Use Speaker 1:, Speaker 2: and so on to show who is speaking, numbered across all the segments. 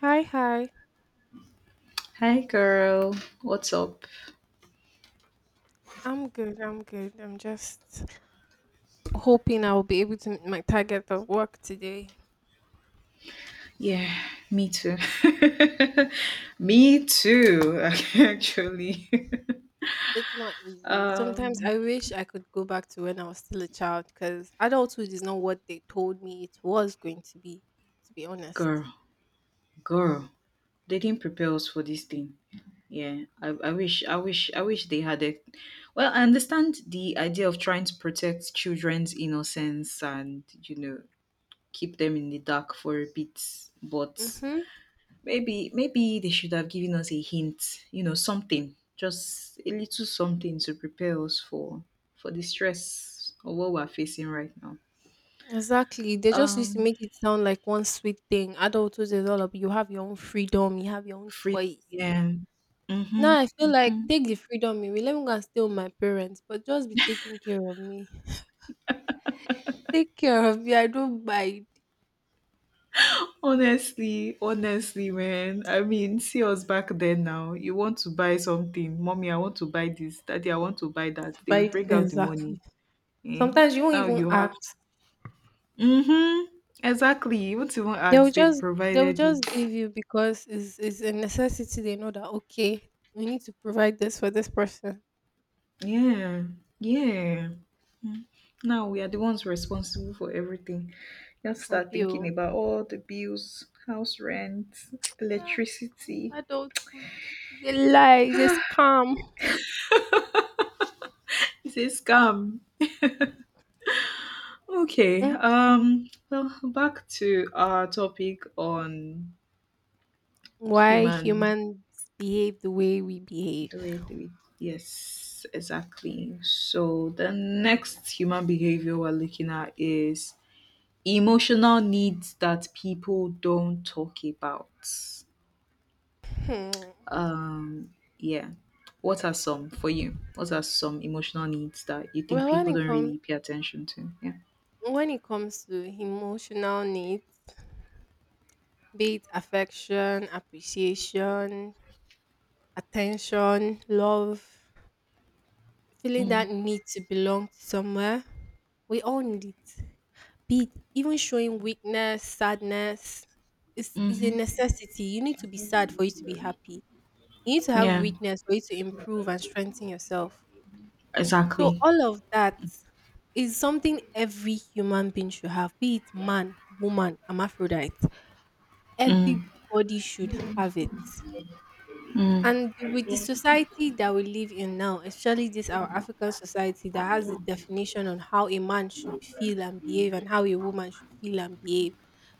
Speaker 1: Hi, hi.
Speaker 2: Hi, girl. What's up?
Speaker 1: I'm good. I'm good. I'm just hoping I will be able to meet my target of work today.
Speaker 2: Yeah, me too. me too, actually.
Speaker 1: It's not easy. Sometimes I
Speaker 2: um,
Speaker 1: wish I could go back to when I was still a child because adulthood is not what they told me it was going to be honest.
Speaker 2: girl, girl, they didn't prepare us for this thing. Yeah, I wish, I wish they had it. Well, I understand the idea of trying to protect children's innocence and, you know, keep them in the dark for a bit, but
Speaker 1: Mm-hmm.
Speaker 2: maybe they should have given us a hint, you know, something, just a little something to prepare us for the stress of what we're facing right now.
Speaker 1: Exactly. They just used to
Speaker 2: Um,
Speaker 1: make it sound like one sweet thing. Adulthood is all about you have your own freedom, you have your own
Speaker 2: free,
Speaker 1: choice.
Speaker 2: yeah. Mhm.
Speaker 1: Now I feel like
Speaker 2: Mhm.
Speaker 1: take the freedom away. Let me go and stay with my parents, but just be taking care of me. Take care of me. I don't mind.
Speaker 2: Honestly, man. I mean, see us back then now. You want to buy something. Mommy, I want to buy this. Daddy, I want to buy that. They will
Speaker 1: By
Speaker 2: bring out the money.
Speaker 1: exactly.
Speaker 2: Eh?
Speaker 1: Sometimes you won't
Speaker 2: Now
Speaker 1: even
Speaker 2: you have
Speaker 1: ask.
Speaker 2: to. Mm-hmm. Exactly. You won't even
Speaker 1: They'll
Speaker 2: ask. They've
Speaker 1: just they'll
Speaker 2: provided
Speaker 1: just
Speaker 2: it.
Speaker 1: give you because it's a necessity. They know that okay, we need to provide this for this person.
Speaker 2: Yeah, yeah. Now we are the ones responsible for everything. You have to start
Speaker 1: Abi
Speaker 2: thinking
Speaker 1: o.
Speaker 2: about all the bills, house rent,
Speaker 1: Ah,
Speaker 2: electricity.
Speaker 1: adulthood is a lie. It's a scam.
Speaker 2: It's a scam. Okay.
Speaker 1: Mm.
Speaker 2: Well, back to our topic on
Speaker 1: Why
Speaker 2: human.
Speaker 1: humans behave the way we behave.
Speaker 2: Do it. Do it. Yes, exactly. So the next human behavior we're looking at is emotional needs that people don't talk about.
Speaker 1: Hmm.
Speaker 2: Um, yeah. What are some for you? What are some emotional needs that you think
Speaker 1: Well, when
Speaker 2: people
Speaker 1: it
Speaker 2: don't
Speaker 1: comes
Speaker 2: really pay attention to? Yeah.
Speaker 1: when it comes to emotional needs, be it affection, appreciation, attention, love, feeling that
Speaker 2: Mm,
Speaker 1: need to belong somewhere. We all need it. Be it even showing weakness, sadness is a
Speaker 2: mm-hmm.
Speaker 1: necessity. You need to be sad for you to be happy. You need to have
Speaker 2: Yeah.
Speaker 1: weakness for you to improve and strengthen yourself. So
Speaker 2: Exactly.
Speaker 1: all of that is something every human being should have, be it man, woman, hermaphrodite.
Speaker 2: Mm,
Speaker 1: Everybody should have it.
Speaker 2: mm,
Speaker 1: And with the society that we live in now, especially this our African society that has the definition on how a man should feel and behave and how a woman should feel and behave,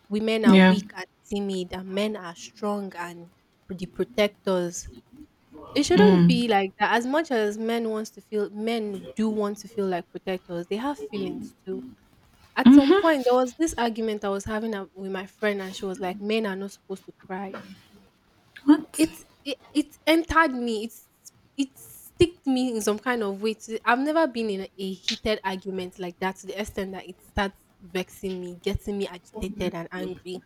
Speaker 1: women are
Speaker 2: yeah.
Speaker 1: weak and timid, and men are strong and the protectors. It shouldn't be
Speaker 2: Mm,
Speaker 1: like that. As much as men wants to feel, men do want to feel like protectors. They have feelings too. At some point,
Speaker 2: mm-hmm.
Speaker 1: there was this argument I was having with my friend, and she was like, "Men are not supposed to cry."
Speaker 2: What?
Speaker 1: It entered me. It sticked me in some kind of way. To, I've never been in a heated argument like that to the extent that it starts vexing me, getting me agitated and angry.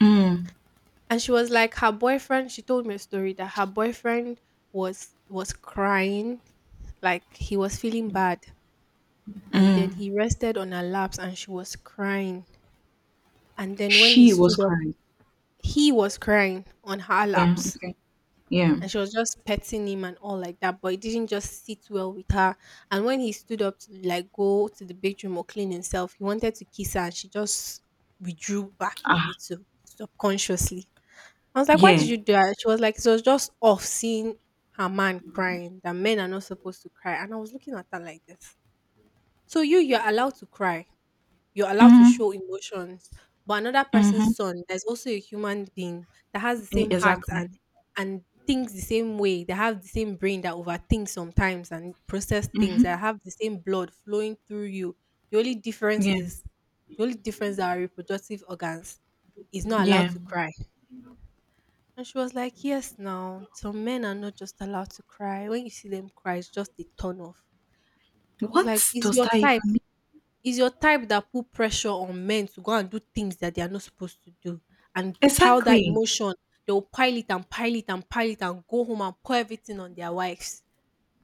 Speaker 2: Mm,
Speaker 1: And she was like, her boyfriend. She told me a story that her boyfriend was crying, like he was feeling bad, and
Speaker 2: mm.
Speaker 1: then he rested on her laps, and she was crying. And then when he
Speaker 2: She was
Speaker 1: stood up,
Speaker 2: crying.
Speaker 1: he was crying on her
Speaker 2: Yeah.
Speaker 1: laps.
Speaker 2: Okay. Yeah.
Speaker 1: And she was just petting him and all like that, but it didn't just sit well with her. And when he stood up to like go to the bedroom or clean himself, he wanted to kiss her and she just withdrew back a
Speaker 2: Ah.
Speaker 1: little subconsciously. I was like, "Why did you
Speaker 2: Yeah.
Speaker 1: do that?" She was like, "It was just off seeing her man crying, that men are not supposed to cry." And I was looking at her like this. So you're allowed to cry, you're allowed to
Speaker 2: Mm-hmm.
Speaker 1: show emotions. But another person's
Speaker 2: Mm-hmm.
Speaker 1: son that is also a human being that has the same heart
Speaker 2: Exactly.
Speaker 1: and and thinks the same way, that have the same brain that overthinks sometimes and process things,
Speaker 2: Mm-hmm.
Speaker 1: that have the same blood flowing through you. The only difference
Speaker 2: Yeah.
Speaker 1: is the only difference that our reproductive organs is not allowed
Speaker 2: Yeah.
Speaker 1: to cry. And she was like, "Yes, now some men are not just allowed to cry. When you see them cry, it's just a turn off." I was like,
Speaker 2: What
Speaker 1: "It's
Speaker 2: does
Speaker 1: your
Speaker 2: that even
Speaker 1: type.
Speaker 2: mean?
Speaker 1: Is your type that put pressure on men to go and do things that they are not supposed to do and pile that
Speaker 2: Exactly.
Speaker 1: emotion. They'll pile it and pile it and pile it and go home and pour everything on their wives.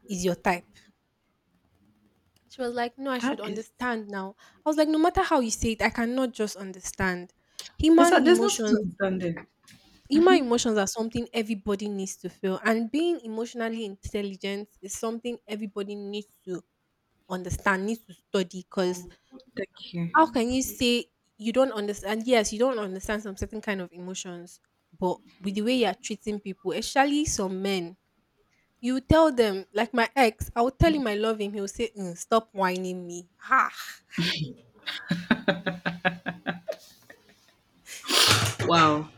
Speaker 1: Is your type." She was like, "No, I should
Speaker 2: That is.
Speaker 1: understand now." I was like, "No matter how you say it, I cannot just understand. Human
Speaker 2: Exactly. There's nothing to
Speaker 1: emotions
Speaker 2: understand there.
Speaker 1: human emotions are something everybody needs to feel. And being emotionally intelligent is something everybody needs to understand, needs to study because
Speaker 2: Thank
Speaker 1: how
Speaker 2: you.
Speaker 1: can you say you don't understand? Yes, you don't understand some certain kind of emotions, but with the way you are treating people, especially some men, you tell them, like my ex, I will tell him I love him. He'll say, 'Mm, stop whining me.'" Ha.
Speaker 2: Wow.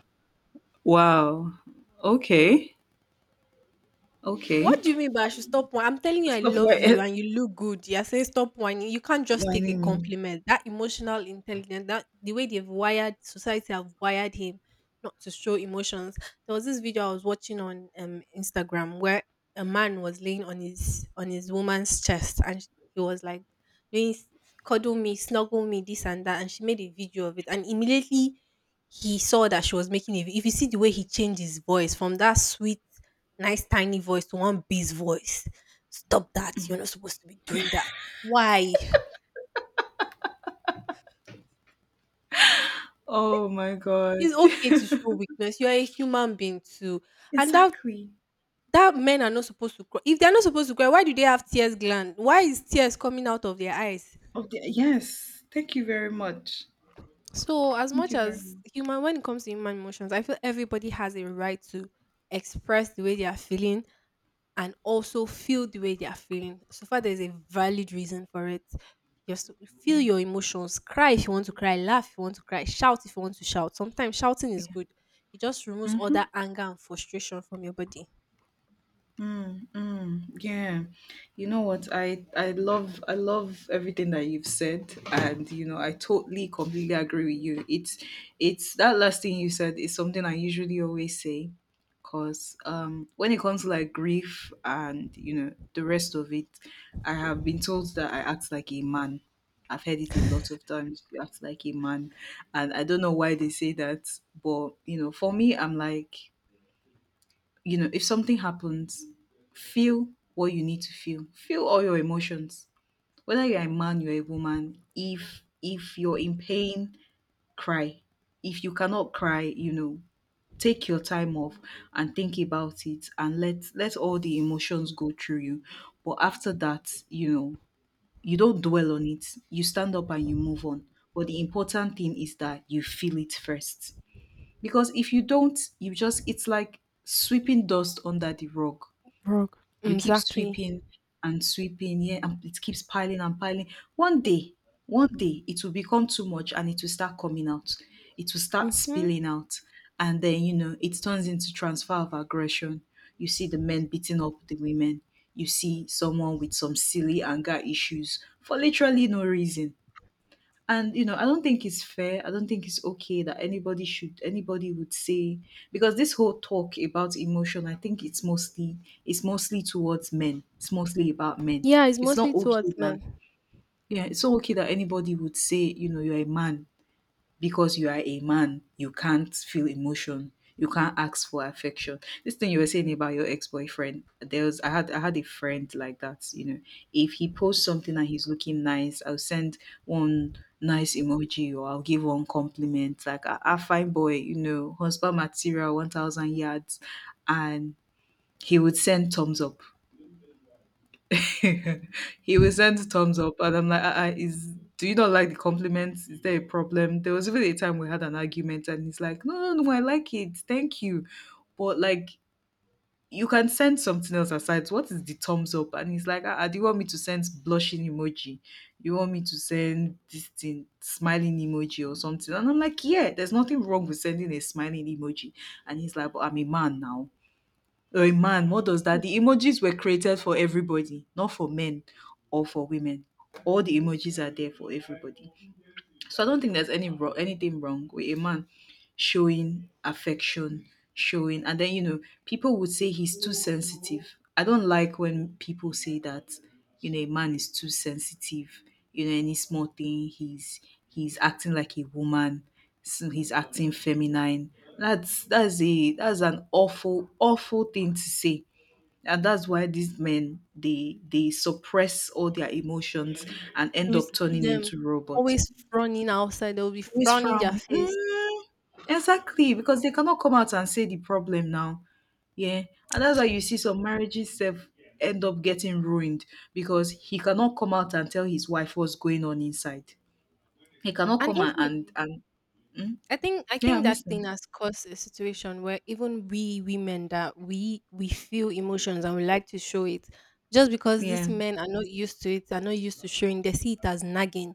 Speaker 2: Wow. Okay. Okay.
Speaker 1: What do you mean by I should stop whining? I'm telling you I
Speaker 2: Stop
Speaker 1: love you
Speaker 2: where
Speaker 1: and you look good. You're saying stop whining. You can't just take a
Speaker 2: whining me.
Speaker 1: compliment. That emotional intelligence, that the way they've wired society have wired him not to show emotions. There was this video I was watching on Instagram where a man was laying on his woman's chest and he was like doing cuddle me, snuggle me, this and that, and she made a video of it and immediately he saw that she was making a if you see the way he changed his voice from that sweet nice tiny voice to one bass voice. Stop that. You're not supposed to be doing that. Why?
Speaker 2: Oh my god.
Speaker 1: It's okay to show weakness. You're a human being too. And that
Speaker 2: exactly.
Speaker 1: that men are not supposed to cry. If they're not supposed to cry, why do they have tears gland? Why is tears coming out of their eyes?
Speaker 2: Oh the yes. Thank you very much.
Speaker 1: So as
Speaker 2: Thank
Speaker 1: much
Speaker 2: you very
Speaker 1: as
Speaker 2: much.
Speaker 1: human when it comes to human emotions, I feel everybody has a right to express the way they are feeling and also feel the way they are feeling. So far, there's a valid reason for it. Just feel
Speaker 2: Yeah.
Speaker 1: your emotions. Cry if you want to cry. Laugh if you want to cry. Shout if you want to shout. Sometimes shouting is
Speaker 2: Yeah.
Speaker 1: good. It just removes all
Speaker 2: Mhm.
Speaker 1: that anger and frustration from your body.
Speaker 2: Mm, mm, yeah. You know what? I love everything that you've said, and you know, I totally completely agree with you. It's that last thing you said is something I usually always say because when it comes to like grief and, you know, the rest of it, I have been told that I act like a man. I've heard it a lot of times. You act like a man, and I don't know why they say that, but you know, for me, I'm like, you know, if something happens, feel what you need to feel. Feel all your emotions. Whether you're a man, you're a woman, if you're in pain, cry. If you cannot cry, you know, take your time off and think about it and let all the emotions go through you. But after that, you know, you don't dwell on it. You stand up and you move on. But the important thing is that you feel it first. Because if you don't, you just it's like sweeping dust under the rug.
Speaker 1: Rock.
Speaker 2: You keep
Speaker 1: Exactly.
Speaker 2: sweeping and sweeping, yeah, and it keeps piling and piling. One day, one day, it will become too much and it will start coming out. It will start
Speaker 1: Hmm.
Speaker 2: spilling out. And then, you know, it turns into transfer of aggression. You see the men beating up the women. You see someone with some silly anger issues for literally no reason. And you know, I don't think it's fair. I don't think it's okay that anybody should anybody would say because this whole talk about emotion, I think it's mostly towards men. It's mostly about men.
Speaker 1: Yeah, it's
Speaker 2: It's
Speaker 1: mostly
Speaker 2: not
Speaker 1: towards
Speaker 2: okay that
Speaker 1: men.
Speaker 2: yeah, it's not okay that anybody would say, you know, you're a man, because you are a man, you can't feel emotion. You can't ask for affection. This thing you were saying about your ex-boyfriend, there was I had a friend like that, you know. If he posts something and he's looking nice, I'll send one nice emoji or I'll give one compliment like a fine boy, you know, husband material, 1,000 yards, and he would send thumbs up. he will send thumbs up, and I'm like, is do you not like the compliments? Is there a problem? There was even a time we had an argument, and he's like, no, no, no, I like it, thank you, but like you can send something else aside. What is the thumbs up? And he's like, do you want me to send blushing emoji? You want me to send this thing smiling emoji or something? And I'm like, yeah, there's nothing wrong with sending a smiling emoji. And he's like, but I'm a man now. Oh man, what does that? The emojis were created for everybody, not for men or for women. All the emojis are there for everybody. So I don't think there's any wrong, anything wrong with a man showing affection, showing, and then you know people would say he's too sensitive. I don't like when people say that you know a man is too sensitive. You know any small thing he's acting like a woman, so he's acting feminine. That's a that's an awful awful thing to say. And that's why these men they suppress all their emotions and end
Speaker 1: You see
Speaker 2: up turning
Speaker 1: them
Speaker 2: into robots
Speaker 1: always frowning outside. They'll be
Speaker 2: always
Speaker 1: frowning their
Speaker 2: frown.
Speaker 1: face.
Speaker 2: Mm, exactly, because they cannot come out and say the problem now. Yeah. And that's why you see some marriages self end up getting ruined because he cannot come out and tell his wife what's going on inside. He cannot
Speaker 1: And
Speaker 2: come and
Speaker 1: even
Speaker 2: and, and mm,
Speaker 1: I think I
Speaker 2: yeah,
Speaker 1: think
Speaker 2: I'm
Speaker 1: that thing
Speaker 2: listening.
Speaker 1: has caused a situation where even we women that we feel emotions and we like to show it, just because these
Speaker 2: Yeah.
Speaker 1: men are not used to it, are not used to showing, they see it as nagging.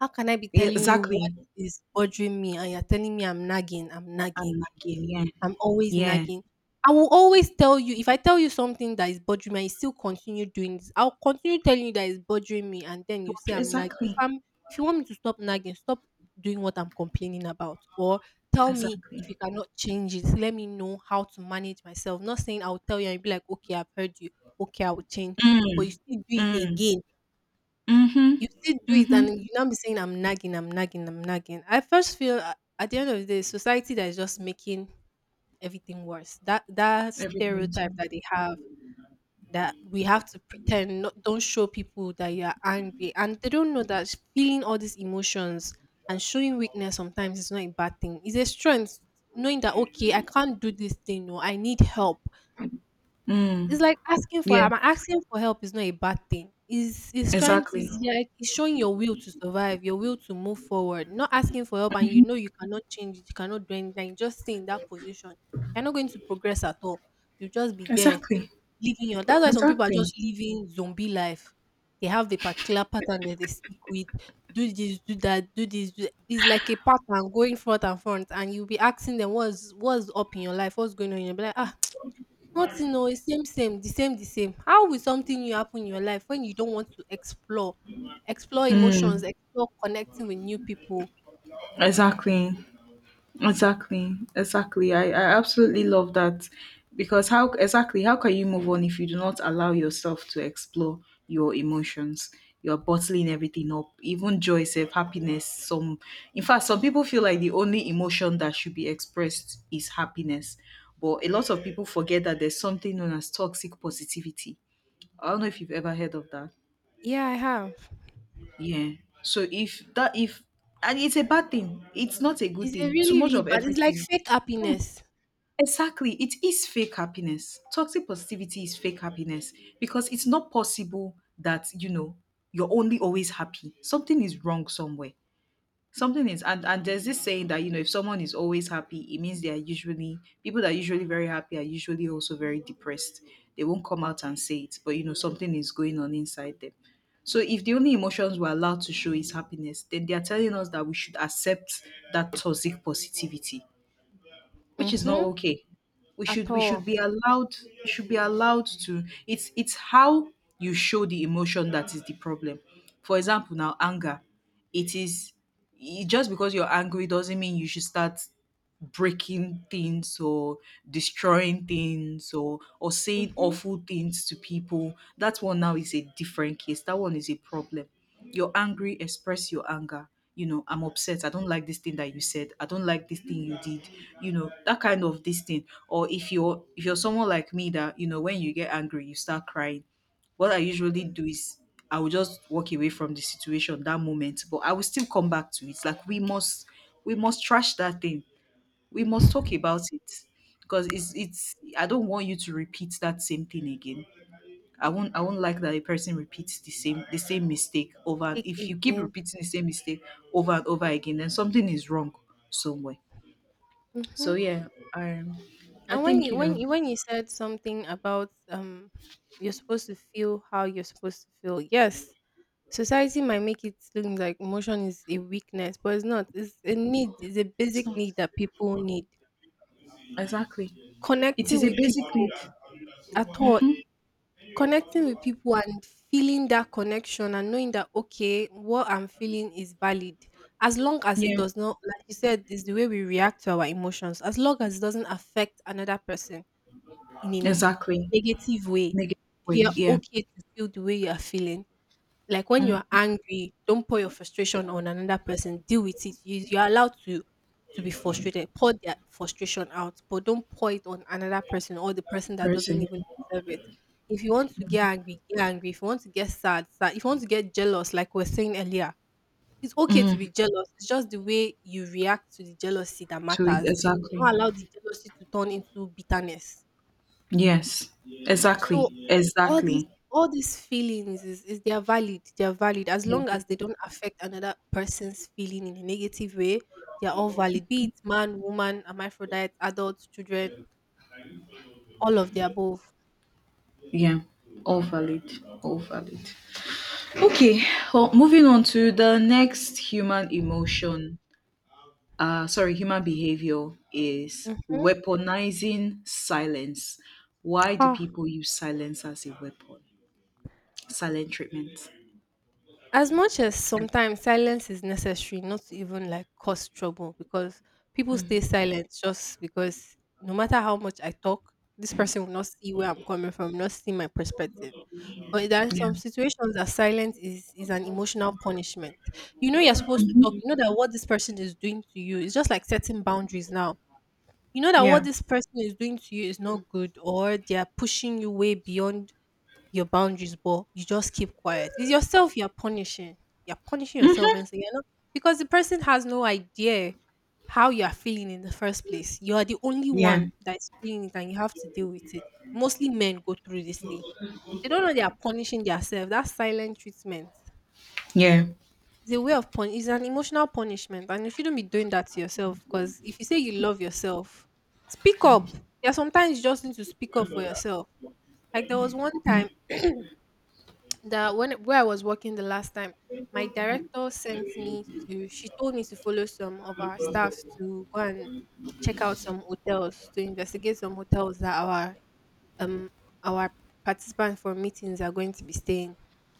Speaker 1: How can I be
Speaker 2: Yeah,
Speaker 1: telling you what
Speaker 2: exactly.
Speaker 1: is bothering me and you're telling me I'm nagging, I'm
Speaker 2: I'm
Speaker 1: nagging?
Speaker 2: lagging, yeah.
Speaker 1: I'm always
Speaker 2: Yeah.
Speaker 1: nagging. I will always tell you if I tell you something that is bothering me, and you still continue doing this. I'll continue telling you that it's bothering me, and then you say I'm nagging.
Speaker 2: Exactly.
Speaker 1: If you want me to stop nagging, stop doing what I'm complaining about, or tell me if you
Speaker 2: Exactly.
Speaker 1: cannot change it. Let me know how to manage myself. Not saying I'll tell you and you'll be like, okay, I've heard you. Okay, I will change, but you
Speaker 2: Mm.
Speaker 1: still do it
Speaker 2: Mm.
Speaker 1: again.
Speaker 2: Mm-hmm.
Speaker 1: You still do it,
Speaker 2: Mm-hmm.
Speaker 1: and you now be saying I'm nagging, I'm nagging, I'm nagging. I first feel at the end of the day, society that is just making everything worse. That
Speaker 2: Everything
Speaker 1: stereotype
Speaker 2: too.
Speaker 1: that they have that we have to pretend, not don't show people that you are angry, and they don't know that feeling all these emotions and showing weakness sometimes is not a bad thing. It's a strength, knowing that okay, I can't do this thing, or I need help.
Speaker 2: Mm.
Speaker 1: It's like asking for
Speaker 2: Yeah,
Speaker 1: I'm asking for help is not a bad thing. Is trying to
Speaker 2: exactly.
Speaker 1: is like it's showing your will to survive, your will to move forward. Not asking for help and you know you cannot change it, you cannot do anything, you just stay in that position. You're not going to progress at all. You'll just be there
Speaker 2: Exactly.
Speaker 1: living your that's why some people are
Speaker 2: Exactly.
Speaker 1: just living zombie life. They have the particular pattern that they stick with. Do this, do that, do this, do that. It's like a pattern going front and front, and you'll be asking them what's up in your life, what's going on. You'll be like, ah, nothing oo, it's same same, the same. How will something new happen in your life when you don't want to explore emotions,
Speaker 2: Mm,
Speaker 1: explore connecting with new people?
Speaker 2: exactly. Exactly. Exactly. I absolutely love that because how exactly how can you move on if you do not allow yourself to explore your emotions? You're bottling everything up, even joy, self, happiness. Some, in fact, some people feel like the only emotion that should be expressed is happiness, but a lot of people forget that there's something known as toxic positivity. I don't know if you've ever heard of that.
Speaker 1: Yeah, I have.
Speaker 2: Yeah. So if and it's a bad thing. It's not a good
Speaker 1: It's a
Speaker 2: thing. Too
Speaker 1: really,
Speaker 2: much
Speaker 1: really
Speaker 2: of
Speaker 1: bad it's like
Speaker 2: everything.
Speaker 1: fake
Speaker 2: Yeah,
Speaker 1: happiness.
Speaker 2: exactly. It is fake happiness. Toxic positivity is fake happiness, because it's not possible that, you know, you're only always happy. Something is wrong somewhere, something is and there's this saying that, you know, if someone is always happy, it means they are usually people that are usually very happy are usually also very depressed. They won't come out and say it, but you know something is going on inside them. So if the only emotions we're allowed to show is happiness, then they are telling us that we should accept that toxic positivity, which is not
Speaker 1: Mhm.
Speaker 2: okay. We
Speaker 1: At
Speaker 2: should we
Speaker 1: all.
Speaker 2: should be allowed we should be allowed to it's how you show the emotion that is the problem. For example, now anger. It is just because you're angry doesn't mean you should start breaking things or destroying things or saying
Speaker 1: Mhm.
Speaker 2: awful things to people. That one now is a different case. That one is a problem. You're angry, express your anger. You know, I'm upset, I don't like this thing that you said, I don't like this thing you did. You know, that kind of this thing. Or if you're someone like me that you know when you get angry you start crying, what I usually do is I will just walk away from the situation that moment, but I will still come back to it. Like we must trash that thing. We must talk about it. Because it's I don't want you to repeat that same thing again. I won't like that a person repeats the same mistake over. And
Speaker 1: Fake
Speaker 2: if you keep
Speaker 1: again.
Speaker 2: repeating the same mistake over and over again, then something is wrong somewhere. So
Speaker 1: Mhm.
Speaker 2: yeah, um I
Speaker 1: And when
Speaker 2: think,
Speaker 1: you
Speaker 2: you
Speaker 1: when
Speaker 2: know,
Speaker 1: you when you said something about you're supposed to feel how you're supposed to feel. Yes, society might make it look like emotion is a weakness, but it's not. It's a need. It's a
Speaker 2: it's
Speaker 1: basic
Speaker 2: not
Speaker 1: need that people need.
Speaker 2: exactly it
Speaker 1: Connecting
Speaker 2: is a
Speaker 1: with
Speaker 2: basic
Speaker 1: people
Speaker 2: need.
Speaker 1: at all,
Speaker 2: Hmm,
Speaker 1: connecting with people and feeling that connection and knowing that okay, what I'm feeling is valid. As long as it
Speaker 2: yeah
Speaker 1: does not, like you said, is the way we react to our emotions. As long as it doesn't affect another person in a
Speaker 2: exactly,
Speaker 1: negative way,
Speaker 2: negative way,
Speaker 1: you're
Speaker 2: yeah.
Speaker 1: okay to feel the way you are feeling. Like when
Speaker 2: Mm.
Speaker 1: you're angry, don't pour your frustration on another person. Deal with it. You're allowed to be frustrated. Pour their frustration out, but don't pour it on another person or the person that doesn't
Speaker 2: Person.
Speaker 1: even deserve it. If you want to get angry, get angry. If you want to get sad, sad. If you want to get jealous, like we're saying earlier, it's okay to
Speaker 2: Mm.
Speaker 1: be jealous. It's just the way you react to the jealousy that
Speaker 2: To it
Speaker 1: matters. Don't
Speaker 2: exactly.
Speaker 1: allow the jealousy to turn into bitterness.
Speaker 2: Yes,
Speaker 1: So
Speaker 2: exactly,
Speaker 1: all these
Speaker 2: exactly.
Speaker 1: all these feelings is they are valid. They are valid as long as they don't affect another person's feeling in a negative way. They are all valid. Be it man, woman, hermaphrodite, adults, children, all of the above.
Speaker 2: Yeah, all valid, all valid. Okay, well, moving on to the next human emotion, sorry, human behavior is
Speaker 1: Mm-hmm.
Speaker 2: weaponizing silence. Why do people use silence as a weapon? Silent treatment.
Speaker 1: As much as
Speaker 2: Right.
Speaker 1: sometimes silence is necessary not to even like cause trouble because people stay silent just because no matter how much I talk, this person will not see where I'm coming from, not see my perspective. But there are
Speaker 2: Yeah.
Speaker 1: some situations that silence is an emotional punishment. You know you're supposed to talk. You know
Speaker 2: Mhm.
Speaker 1: that what this person is doing to you is just like setting boundaries now. You know that
Speaker 2: Yeah.
Speaker 1: what this person is doing to you is not good or they are pushing you way beyond your boundaries, but you just keep quiet. It's yourself you're punishing. You're punishing yourself
Speaker 2: Mhm.
Speaker 1: and saying, because the person has no idea how you are feeling in the first place. You are the only
Speaker 2: Yeah.
Speaker 1: one that's feeling it and you have to deal with it. Mostly men go through this thing. They don't know they are punishing themselves. That's silent treatment.
Speaker 2: Yeah.
Speaker 1: It's a way of pun. It's an emotional punishment, and you shouldn't be doing that to yourself. Because if you say you love yourself, speak up. Yeah, sometimes you just need to speak up for yourself. Like there was one time that when where I was working the last time, my director sent me to she told me to follow some of our staff to go and check out some hotels to investigate some hotels that um our participants for meetings are going to be staying.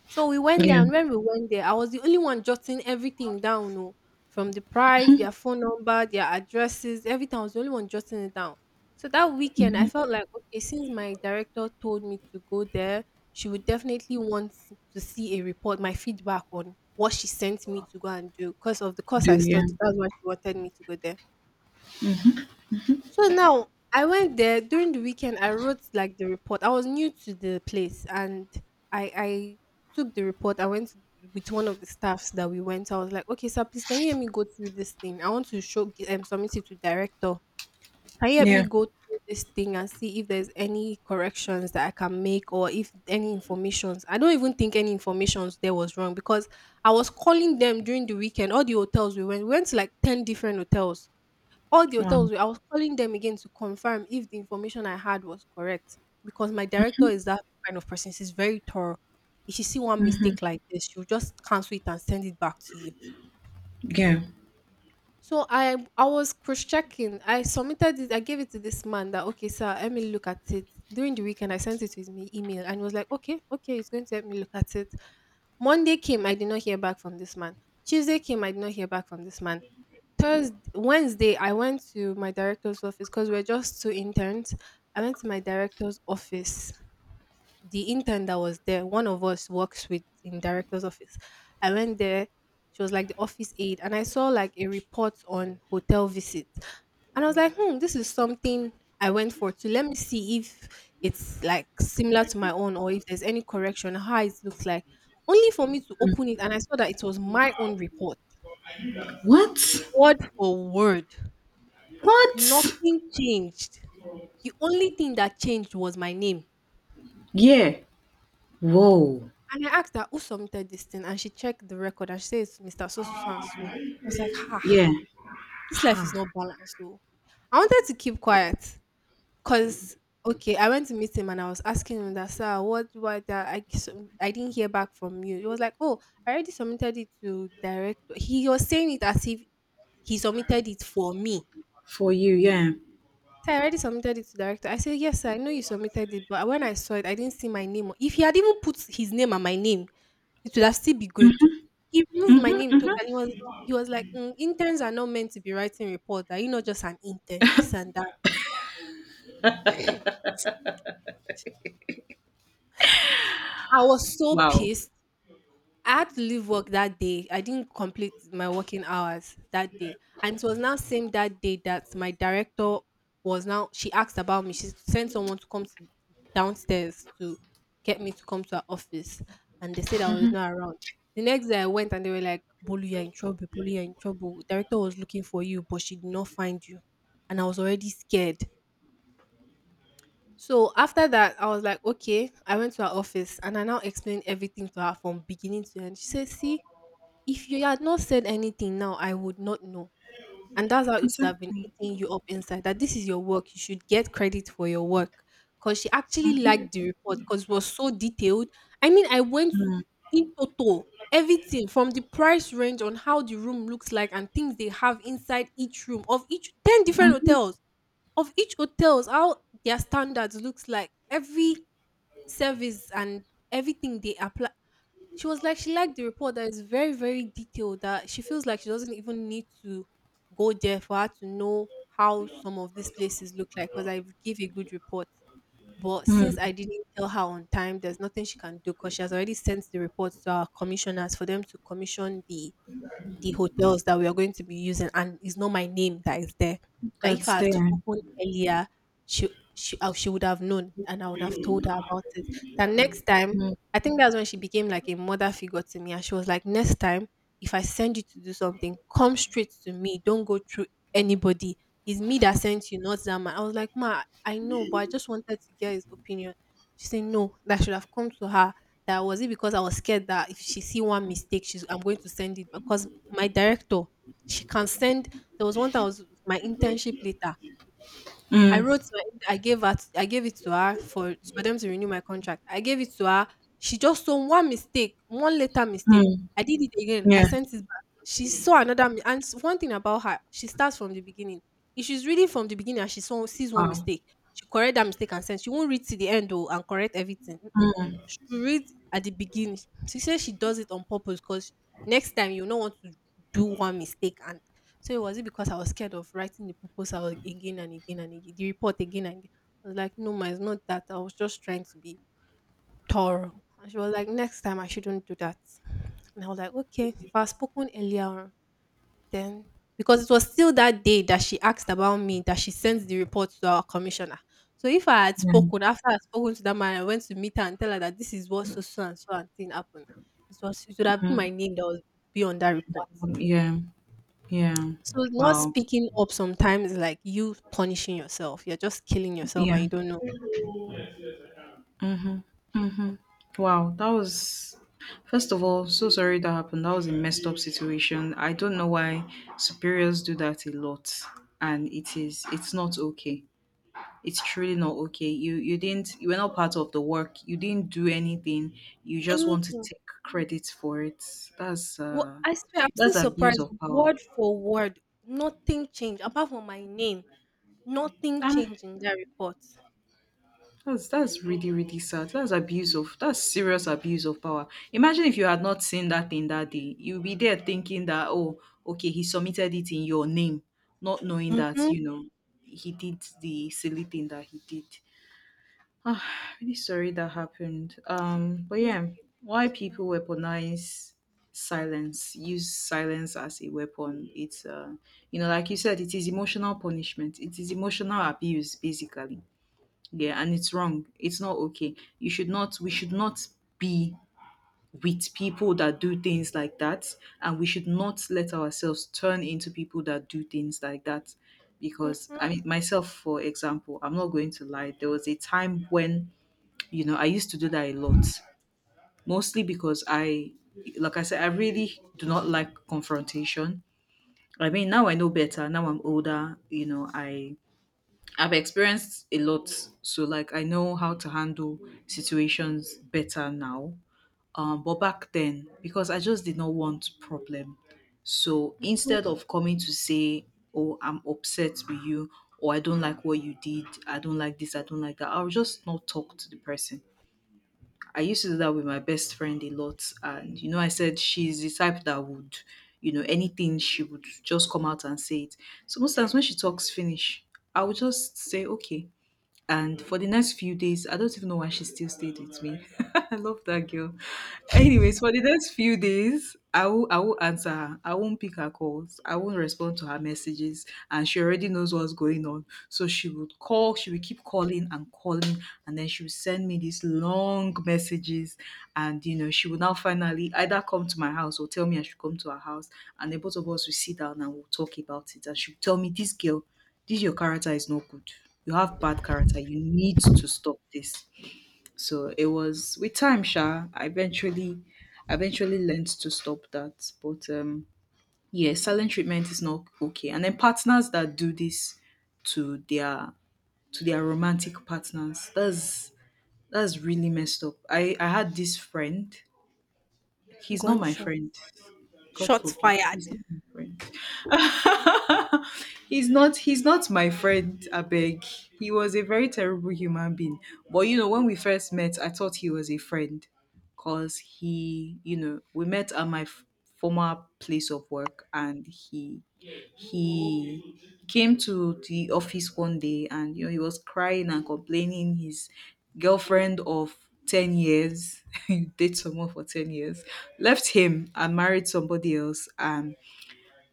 Speaker 1: So we went there,
Speaker 2: Yeah.
Speaker 1: and when we went there, I was the only one jotting everything down, no, from the price, their phone number, their addresses, everything. I was the only one jotting it down. So that weekend, I felt like okay, since my director told me to go there, she would definitely want to see a report, my feedback on what she sent me to go and do because of the course
Speaker 2: Do
Speaker 1: I
Speaker 2: yeah.
Speaker 1: studied. That's why she wanted me to go there. So now I went there during the weekend. I wrote like the report. I was new to the place, and I took the report. I went with one of the staffs that we went. I was like, okay, sir, please can you help me go through this thing? I want to show submit it to director. Can you help me
Speaker 2: Yeah.
Speaker 1: go through this thing and see if there's any corrections that I can make or if any informations? I don't even think any informations there was wrong because I was calling them during the weekend. All the hotels we went to like 10 different hotels all the hotels
Speaker 2: Um,
Speaker 1: were I was calling them again to confirm if the information I had was correct because my director is that kind of person. She's very thorough. If she see one mistake like this, she'll just cancel it and send it back to you.
Speaker 2: yeah.
Speaker 1: So I was cross checking. I submitted it. I gave it to this man that okay, sir, let me look at it. During the weekend, I sent it to his email and he was like, okay, okay, he's going to help me look at it. Monday came, I did not hear back from this man. Tuesday came, I did not hear back from this man. Thursday, Wednesday, I went to my director's office because we're just two interns. I went to my director's office. The intern that was there, one of us works with in director's office. I went there. She was like the office aide, and I saw like a report on hotel visits, and I was like, hmm, this is something I went for to let me see if it's like similar to my own or if there's any correction, how it looks like. Only for me to open it, and I saw that it was my own report,
Speaker 2: What?
Speaker 1: word for word.
Speaker 2: What?
Speaker 1: Nothing changed. The only thing that changed was my name.
Speaker 2: Yeah. Whoa.
Speaker 1: And I asked her who submitted this thing, and she checked the record and she says, Mr. So so so and so. I was like, ha,
Speaker 2: Yeah.
Speaker 1: this life is
Speaker 2: Ha.
Speaker 1: not balanced. Though. I wanted to keep quiet because, okay, I went to meet him and I was asking him that, sir, that I didn't hear back from you. He was like, oh, I already submitted it to director. He was saying it as if he submitted it for me.
Speaker 2: For you. Yeah.
Speaker 1: So I already submitted it to the director. I said, yes, sir, I know you submitted it, but when I saw it, I didn't see my name. If he had even put his name and my name, it would have still be good. He removed my name totally. He was like, "Mm, interns are not meant to be writing report. Are you not just an intern? This and that." I was so
Speaker 2: Wow.
Speaker 1: pissed. I had to leave work that day. I didn't complete my working hours that day. And it was now same that day that my director was now she asked about me. She sent someone to come to downstairs to get me to come to her office. And they said I was not around. The next day I went and they were like, Bolu, you're in trouble, Bolu, you're in trouble. Director was looking for you, but she did not find you. And I was already scared. So after that, I was like, okay. I went to her office and I now explained everything to her from beginning to end. She said, see, if you had not said anything now, I would not know. And that's how it would have been
Speaker 2: Exactly.
Speaker 1: eating you up inside that this is your work. You should get credit for your work. Because she actually liked the report because it was so detailed. I mean, I went
Speaker 2: Mm,
Speaker 1: in total, everything from the price range on how the room looks like and things they have inside each room of each 10 different
Speaker 2: mhm,
Speaker 1: hotels, of each hotels, how their standards looks like, every service and everything they apply she was like, she liked the report that is very, very detailed, that she feels like she doesn't even need to go there for her to know how some of these places look like because I give a good report. But
Speaker 2: mm,
Speaker 1: since I didn't tell her on time, there's nothing she can do because she has already sent the report to our commissioners for them to commission the hotels that we are going to be using and it's not my name that is there. That if
Speaker 2: that's
Speaker 1: I had
Speaker 2: there.
Speaker 1: spoken earlier, she she would have known and I would have told her about it. That next time,
Speaker 2: Mm,
Speaker 1: I think that's when she became like a mother figure to me. And she was like, next time, if I send you to do something, come straight to me. Don't go through anybody. It's me that sent you, not that man. I was like, ma, I know, but I just wanted to get his opinion. She said, no, that should have come to her. That was it because I was scared that if she see one mistake, she's I'm going to send it because my director, she can send there was one that was my internship letter. I
Speaker 2: mm,
Speaker 1: wrote my I gave her I gave it to her for them to renew my contract. I gave it to her. She just saw one mistake, one letter mistake.
Speaker 2: mm,
Speaker 1: I did it again. I
Speaker 2: yeah.
Speaker 1: sent it back. She saw another one thing about her, she starts from the beginning. If she's reading from the beginning and she saw sees one
Speaker 2: Wow.
Speaker 1: mistake, she correct that mistake and sends. She won't read to the end though and correct everything.
Speaker 2: Mm,
Speaker 1: You read at the beginning. She said she does it on purpose because next time you not want to do one mistake. And so was it because I was scared of writing the proposal again and again and again, the report again and again? I was like, no, ma, it's not that. I was just trying to be thorough. And she was like, next time I shouldn't do that. And I was like, okay, if I had spoken earlier on, then because it was still that day that she asked about me, that she sent the report to our commissioner. So if I had
Speaker 2: yeah.
Speaker 1: spoken, after I had spoken to that man, I went to meet her and tell her that this is what so so and so and thing happened. It would have been
Speaker 2: Mm,
Speaker 1: my name that would be on that
Speaker 2: that
Speaker 1: report.
Speaker 2: one, yeah. Yeah.
Speaker 1: So not
Speaker 2: Wow.
Speaker 1: speaking up sometimes is like you punishing yourself. You're just killing yourself and
Speaker 2: Yeah.
Speaker 1: you don't know.
Speaker 2: Mm-hmm. Wow, that was first of all, so sorry that happened. That was a messed up situation. I don't know why superiors do that a lot, and it's not okay. It's truly not okay. You didn't, you were not part of the work, you didn't do anything. You just want to
Speaker 1: Anything.
Speaker 2: take credit for it. that's
Speaker 1: What
Speaker 2: uh
Speaker 1: I swear, I'm still
Speaker 2: that's abuse
Speaker 1: surprised.
Speaker 2: of power.
Speaker 1: Word for word, nothing changed apart from my name. Nothing
Speaker 2: Ah,
Speaker 1: changed in that report.
Speaker 2: that's really really sad. That's abuse of, that's serious abuse of power. Imagine if you had not seen that thing that day, you'll be there thinking that, oh, okay, he submitted it in your name, not knowing that,
Speaker 1: Mhm.
Speaker 2: you know, he did the silly thing that he did. Ah, really sorry that happened. But
Speaker 1: Thank
Speaker 2: yeah,
Speaker 1: you,
Speaker 2: why
Speaker 1: thank you.
Speaker 2: people weaponize silence, use silence as a weapon. It's You know, like you said, it is emotional punishment. It is emotional abuse, basically. Yeah, and it's wrong. It's not okay. You should not, we should not be with people that do things like that, and we should not let ourselves turn into people that do things like that. Because I
Speaker 1: Mhm.
Speaker 2: mean, myself, for example, I'm not going to lie. There was a time when, you know, I used to do that a lot, mostly because I, like I said, I really do not like confrontation. I mean, now I know better. Now I'm older. You know, I I've experienced a lot, so like I know how to handle situations better now. But back then, because I just did not want problem, so instead of coming to say, "Oh, I'm upset with you," or "I don't like what you did," "I don't like this," "I don't like that," I'll just not talk to the person. I used to do that with my best friend a lot. And, you know, I said she's the type that would, you know, anything she would just come out and say it. So most times when she talks Finnish, I would just say, okay. And for the next few days, I don't even know why she still stayed with me. I love that girl. Anyways, for the next few days, I will answer her. I won't pick her calls. I won't respond to her messages. And she already knows what's going on. So she would call, she would keep calling and calling, and then she would send me these long messages. And you know, she would now finally either come to my house or tell me I should come to her house. And the both of us will sit down and we'll talk about it. And she'll tell me, this girl, this your character is not good. You have bad character. You need to stop this. So it was with time, Sha. I eventually learned to stop that. But yeah, silent treatment is not okay. And then partners that do this to their, to their romantic partners, that's really messed up. I had this friend. He's not
Speaker 1: Gun
Speaker 2: my
Speaker 1: shot.
Speaker 2: friend. God
Speaker 1: Shots
Speaker 2: forbid.
Speaker 1: fired.
Speaker 2: He's not my friend. He's not my friend, Abeg. He was a very terrible human being. But you know, when we first met, I thought he was a friend. Cause he, you know, we met at my former place of work and he came to the office one day, and you know he was crying and complaining, his girlfriend of 10 years, you date someone for 10 years, left him and married somebody else. and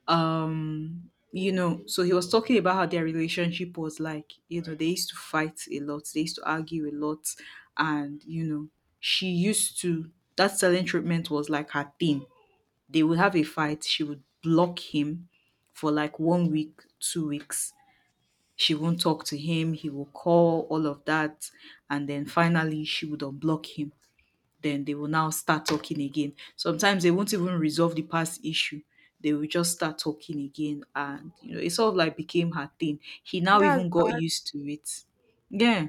Speaker 2: um you know, so he was talking about how their relationship was like, you know, they used to fight a lot, they used to argue a lot, and you know, she used to, that selling treatment was like her thing. They would have a fight. She would block him for like 1 week, 2 weeks. She won't talk to him. He will call, all of that. And then finally, she would unblock him. Then they will now start talking again. Sometimes they won't even resolve the past issue. They will just start talking again. And, you know, it sort of like became her thing. He now
Speaker 1: That's
Speaker 2: even got
Speaker 1: bad.
Speaker 2: used to it. Yeah,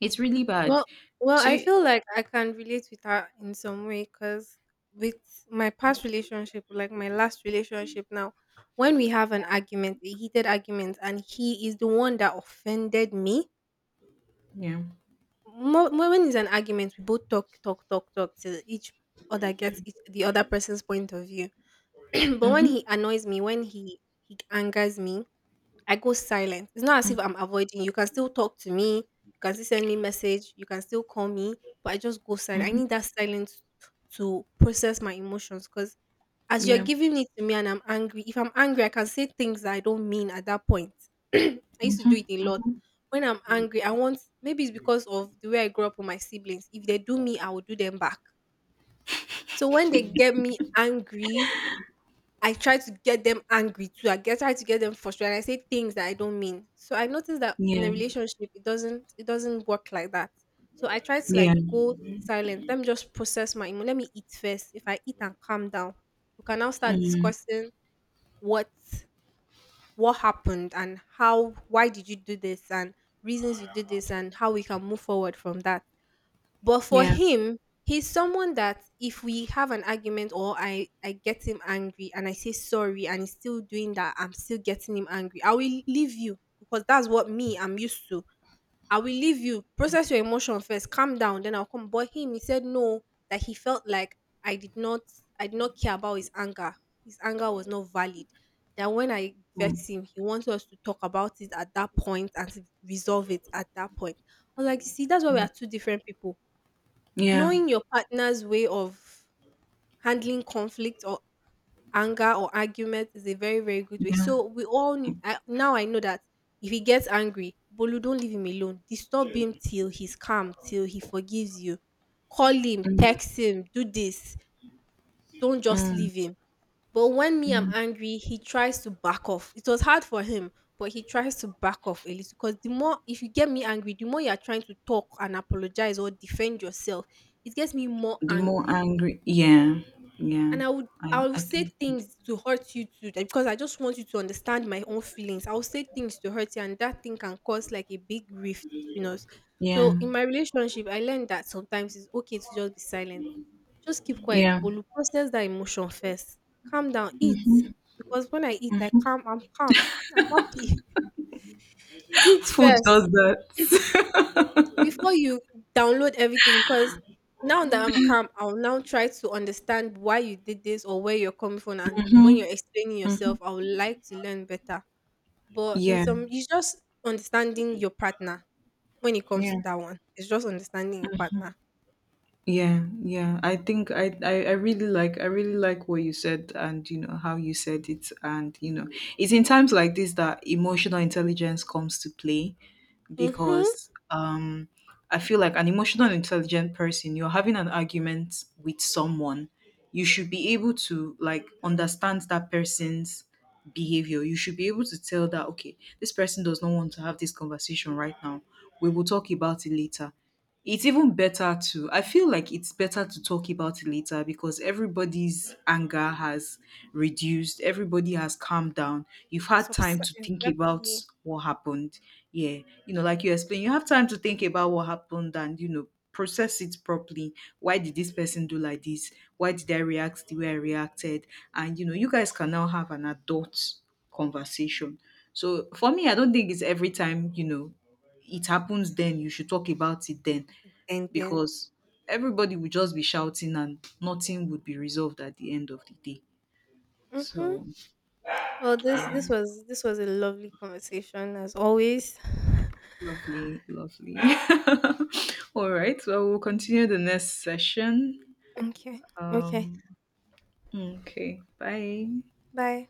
Speaker 2: it's really bad.
Speaker 1: Well, well,
Speaker 2: So,
Speaker 1: I feel like I can relate with her in some way because with my past relationship, like my last relationship now, when we have an argument, a heated argument, and he is the one that offended me,
Speaker 2: yeah.
Speaker 1: when it's an argument, we both talk, talk, talk, talk till each other gets each, the other person's point of view. But when
Speaker 2: Mm-hmm.
Speaker 1: he annoys me, when he angers me, I go silent. It's not as
Speaker 2: Mm-hmm.
Speaker 1: if I'm avoiding you. You can still talk to me. You can still send me message. You can still call me, but I just go silent. I
Speaker 2: Mm-hmm.
Speaker 1: need that silence to process my emotions because as you're
Speaker 2: Yeah.
Speaker 1: giving it to me and I'm angry, if I'm angry, I can say things that I don't mean at that point. I used to do it a lot. When I'm angry, I want maybe it's because of the way I grew up with my siblings. If they do me, I will do them back. So when they get me angry, I try to get them angry too. I get try to get them frustrated. I say things that I don't mean. So I noticed that in a
Speaker 2: Yeah.
Speaker 1: relationship, it doesn't work like that. So I try to
Speaker 2: Yeah.
Speaker 1: like go silent. Let me just process my emo. Let me eat first. If I eat and calm down, we can now start
Speaker 2: Mm,
Speaker 1: discussing what what happened and how why did you do this and reasons you did this and how we can move forward from that. But for
Speaker 2: yeah.
Speaker 1: him, he's someone that if we have an argument or I get him angry and I say sorry and he's still doing that, I'm still getting him angry. I will leave you because that's what me I'm used to. I will leave you, process your emotion first, calm down, then I'll come. But him, he said no, that he felt like I did not I did not care about his anger. His anger was not valid. That when I
Speaker 2: Mm.
Speaker 1: vexed him, he wanted us to talk about it at that point and to resolve it at that point. I was like, you see, that's why we are two different people.
Speaker 2: Yeah,
Speaker 1: Knowing your partner's way of handling conflict or anger or argument is a very, very good way.
Speaker 2: yeah.
Speaker 1: So we all kn- I, now I know that if he gets angry, Bolu, don't leave him alone. Disturb him till he's calm, till he forgives you. Call him, text him, do this. Don't just
Speaker 2: Mm,
Speaker 1: leave him. But when me I'm
Speaker 2: mm.
Speaker 1: angry, he tries to back off. It was hard for him, but he tries to back off a little. Because the more if you get me angry, the more you are trying to talk and apologize or defend yourself, it gets me more
Speaker 2: The more
Speaker 1: angry.
Speaker 2: angry, yeah, yeah.
Speaker 1: And I would I
Speaker 2: I
Speaker 1: will
Speaker 2: I
Speaker 1: say
Speaker 2: think, that's-
Speaker 1: things to hurt you too, that because I just want you to understand my own feelings. I will say things to hurt you, and that thing can cause like a big rift between us.
Speaker 2: yeah,
Speaker 1: So in my relationship, I learned that sometimes it's okay to just be silent. Just keep quiet,
Speaker 2: yeah.
Speaker 1: but you process that emotion first. Calm down, eat. Because when I eat, I'm calm, I'm happy. Eat
Speaker 2: Food does
Speaker 1: first
Speaker 2: that.
Speaker 1: before you download everything because now that I'm calm, I'll now try to understand why you did this or where you're coming from. And when
Speaker 2: Mhm,
Speaker 1: you're explaining
Speaker 2: mhm.
Speaker 1: yourself, I would like to learn better. But in
Speaker 2: Yeah,
Speaker 1: some, it's just understanding your partner when it comes
Speaker 2: yeah,
Speaker 1: to that one. It's just understanding your partner.
Speaker 2: yeah, yeah. I think I really like what you said, and you know how you said it, and you know it's in times like this that emotional intelligence comes to play,
Speaker 1: Mm-hmm.
Speaker 2: because I feel like an emotional and intelligent person, you're having an argument with someone, you should be able to like understand that person's behavior. You should be able to tell that, okay, this person does not want to have this conversation right now. We will talk about it later. It's even better to I feel like it's better to talk about it later, because everybody's anger has reduced, everybody has calmed down. You've had time to think about
Speaker 1: Exactly.
Speaker 2: what happened. Yeah. You know, like you explained, you have time to think about what happened and, you know, process it properly. Why did this person do like this? Why did I react the way I reacted? And you know, you guys can now have an adult conversation. So for me, I don't think it's every time, you know, it happens then you should talk about it then,
Speaker 1: And then,
Speaker 2: because everybody would just be shouting and nothing would be resolved at the end of the day.
Speaker 1: mm-hmm.
Speaker 2: So
Speaker 1: Well, this this was a lovely conversation as always.
Speaker 2: lovely, lovely. All right, well, we'll continue the next session.
Speaker 1: Okay. Okay.
Speaker 2: Okay, bye.
Speaker 1: Bye.